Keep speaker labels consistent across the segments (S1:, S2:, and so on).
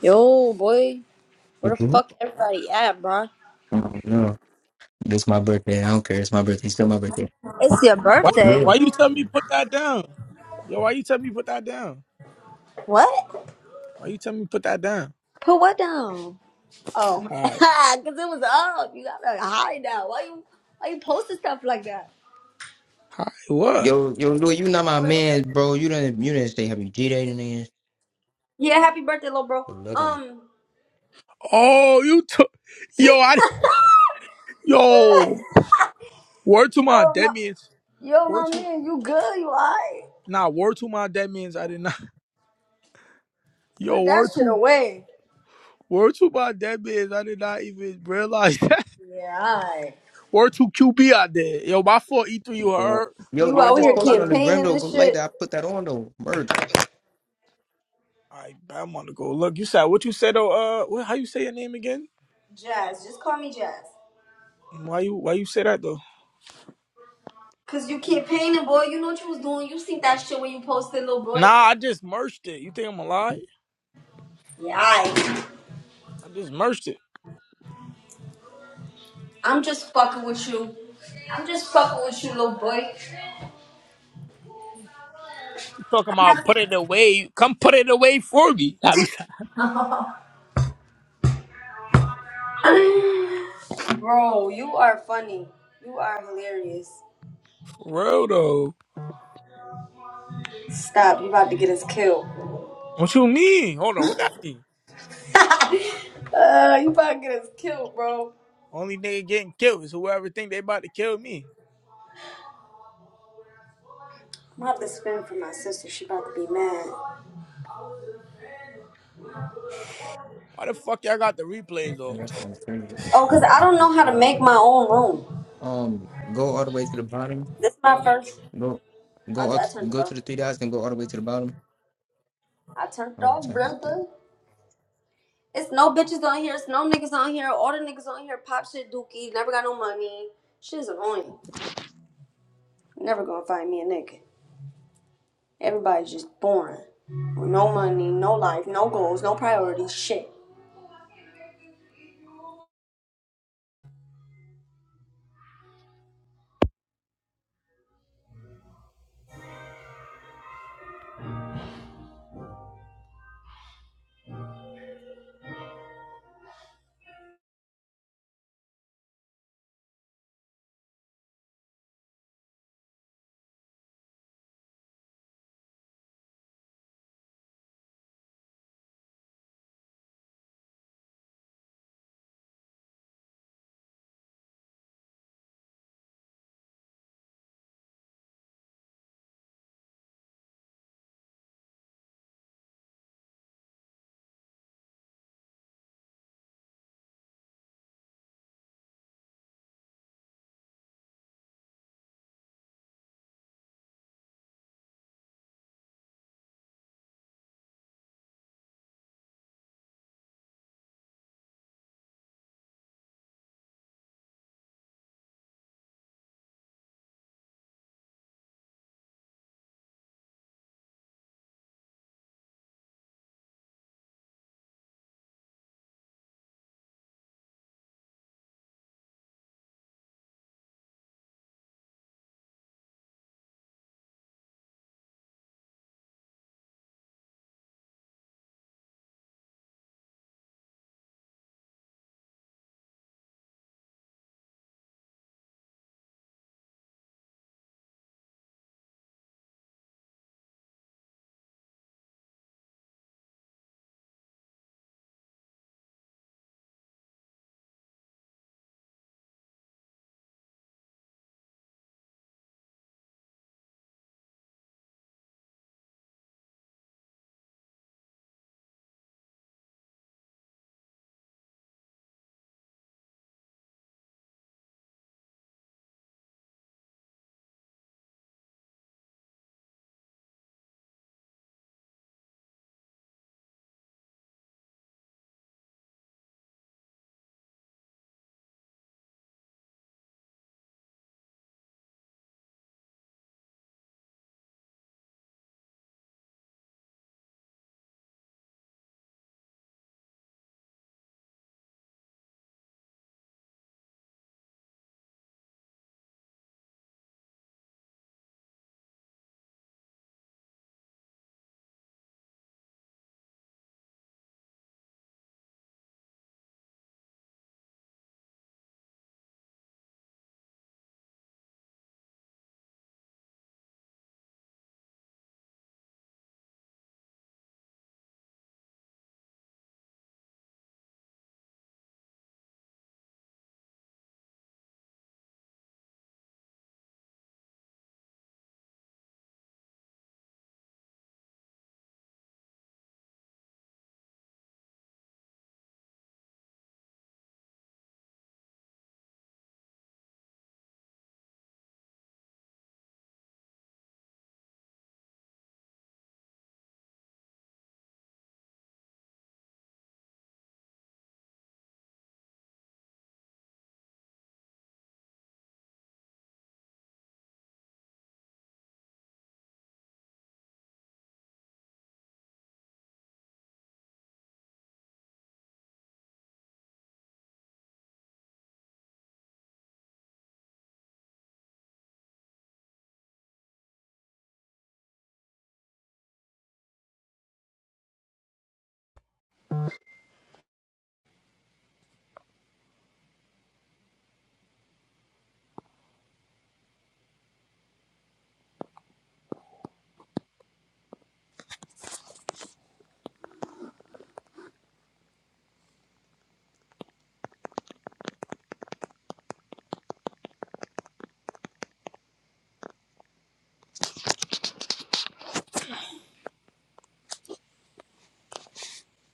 S1: Yo, boy, where the
S2: Mhm.
S1: fuck everybody at, bro?
S2: Oh no, it's my birthday. I don't care. It's my birthday. It's still my birthday.
S1: It's your
S3: Why
S1: birthday.
S2: Yeah.
S3: why you tell me put that down? Yo, why you tell me put that down?
S1: What?
S3: Why you tell me put that down?
S1: Put what down? Oh,
S3: Hi.
S1: cause it was up. You got to hide now. Why you? Why you posting stuff like that?
S3: Hi. What?
S2: Yo, yo, Louis, you not my
S1: Wait.
S2: man, bro. You didn't, you didn't stay happy G Day and then
S1: Yeah, happy birthday, little bro.
S2: Good looking.
S1: Um,
S3: Oh, you took yo, I yo. Word to my
S1: yo,
S3: dead
S1: my,
S3: means.
S1: yo,
S3: Word
S1: my
S3: to
S1: man, you good? You alright?
S3: nah, word to my dead means I did not yo,
S1: Put that
S3: word
S1: shit
S3: to
S1: away.
S3: word to my dead means I did not even realize that.
S1: Yeah, alright.
S3: Word to QB out there. Yo, my fault E3 you
S2: Bro.
S3: heard.
S2: Yo,
S1: You
S3: My
S2: yo, I
S1: out
S2: just
S1: here
S3: fault,
S2: posted on the
S3: brother.
S2: gram
S1: campaigning
S2: though.
S1: and
S2: Go like
S1: shit.
S2: that. I put that on though. Merch.
S3: I I'm on to go. Look, you said what you said Oh, uh what, how you say your name again?
S1: Jazz, just call me Jazz.
S3: Why you why you say that though?
S1: Cause you keep painting, boy. You know what you was doing. You seen that shit when you posted, little boy.
S3: Nah, I just merged it. You think I'm a lie?
S1: Yeah, I.
S3: I just merged it.
S1: I'm just fucking with you. I'm just fucking with you, little boy.
S3: You talking about put it away? Come put it away for me. I be like,
S1: Bro, you are funny. You are hilarious.
S3: for real though.
S1: Stop. You about to get us killed.
S3: What you mean? Hold on, what that mean?
S1: uh, you about to get us killed, bro.
S3: Only nigga getting killed is whoever think they about to kill me.
S1: I'm about to spin for my sister. She about to be mad.
S3: Why the fuck y'all got the replays
S2: Yeah,
S3: on?
S2: that's kind of crazy.
S1: Oh, cause I don't know how to make my own room.
S2: Um, go all the way to the bottom.
S1: This is my first.
S2: Go,
S1: I,
S2: go
S1: t-
S2: up.
S1: I turned it
S2: Go
S1: off.
S2: to the three dots and go all the way to the bottom.
S1: I turned it
S2: Oh,
S1: off,
S2: type it.
S1: brother. It's no bitches on here. It's no niggas on here. All the niggas on here pop shit dookie. Never got no money. Shit is annoying. Never gonna find me a nigga. Everybody's just boring. With no money, no life, no goals, no priorities, shit.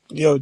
S3: Yo,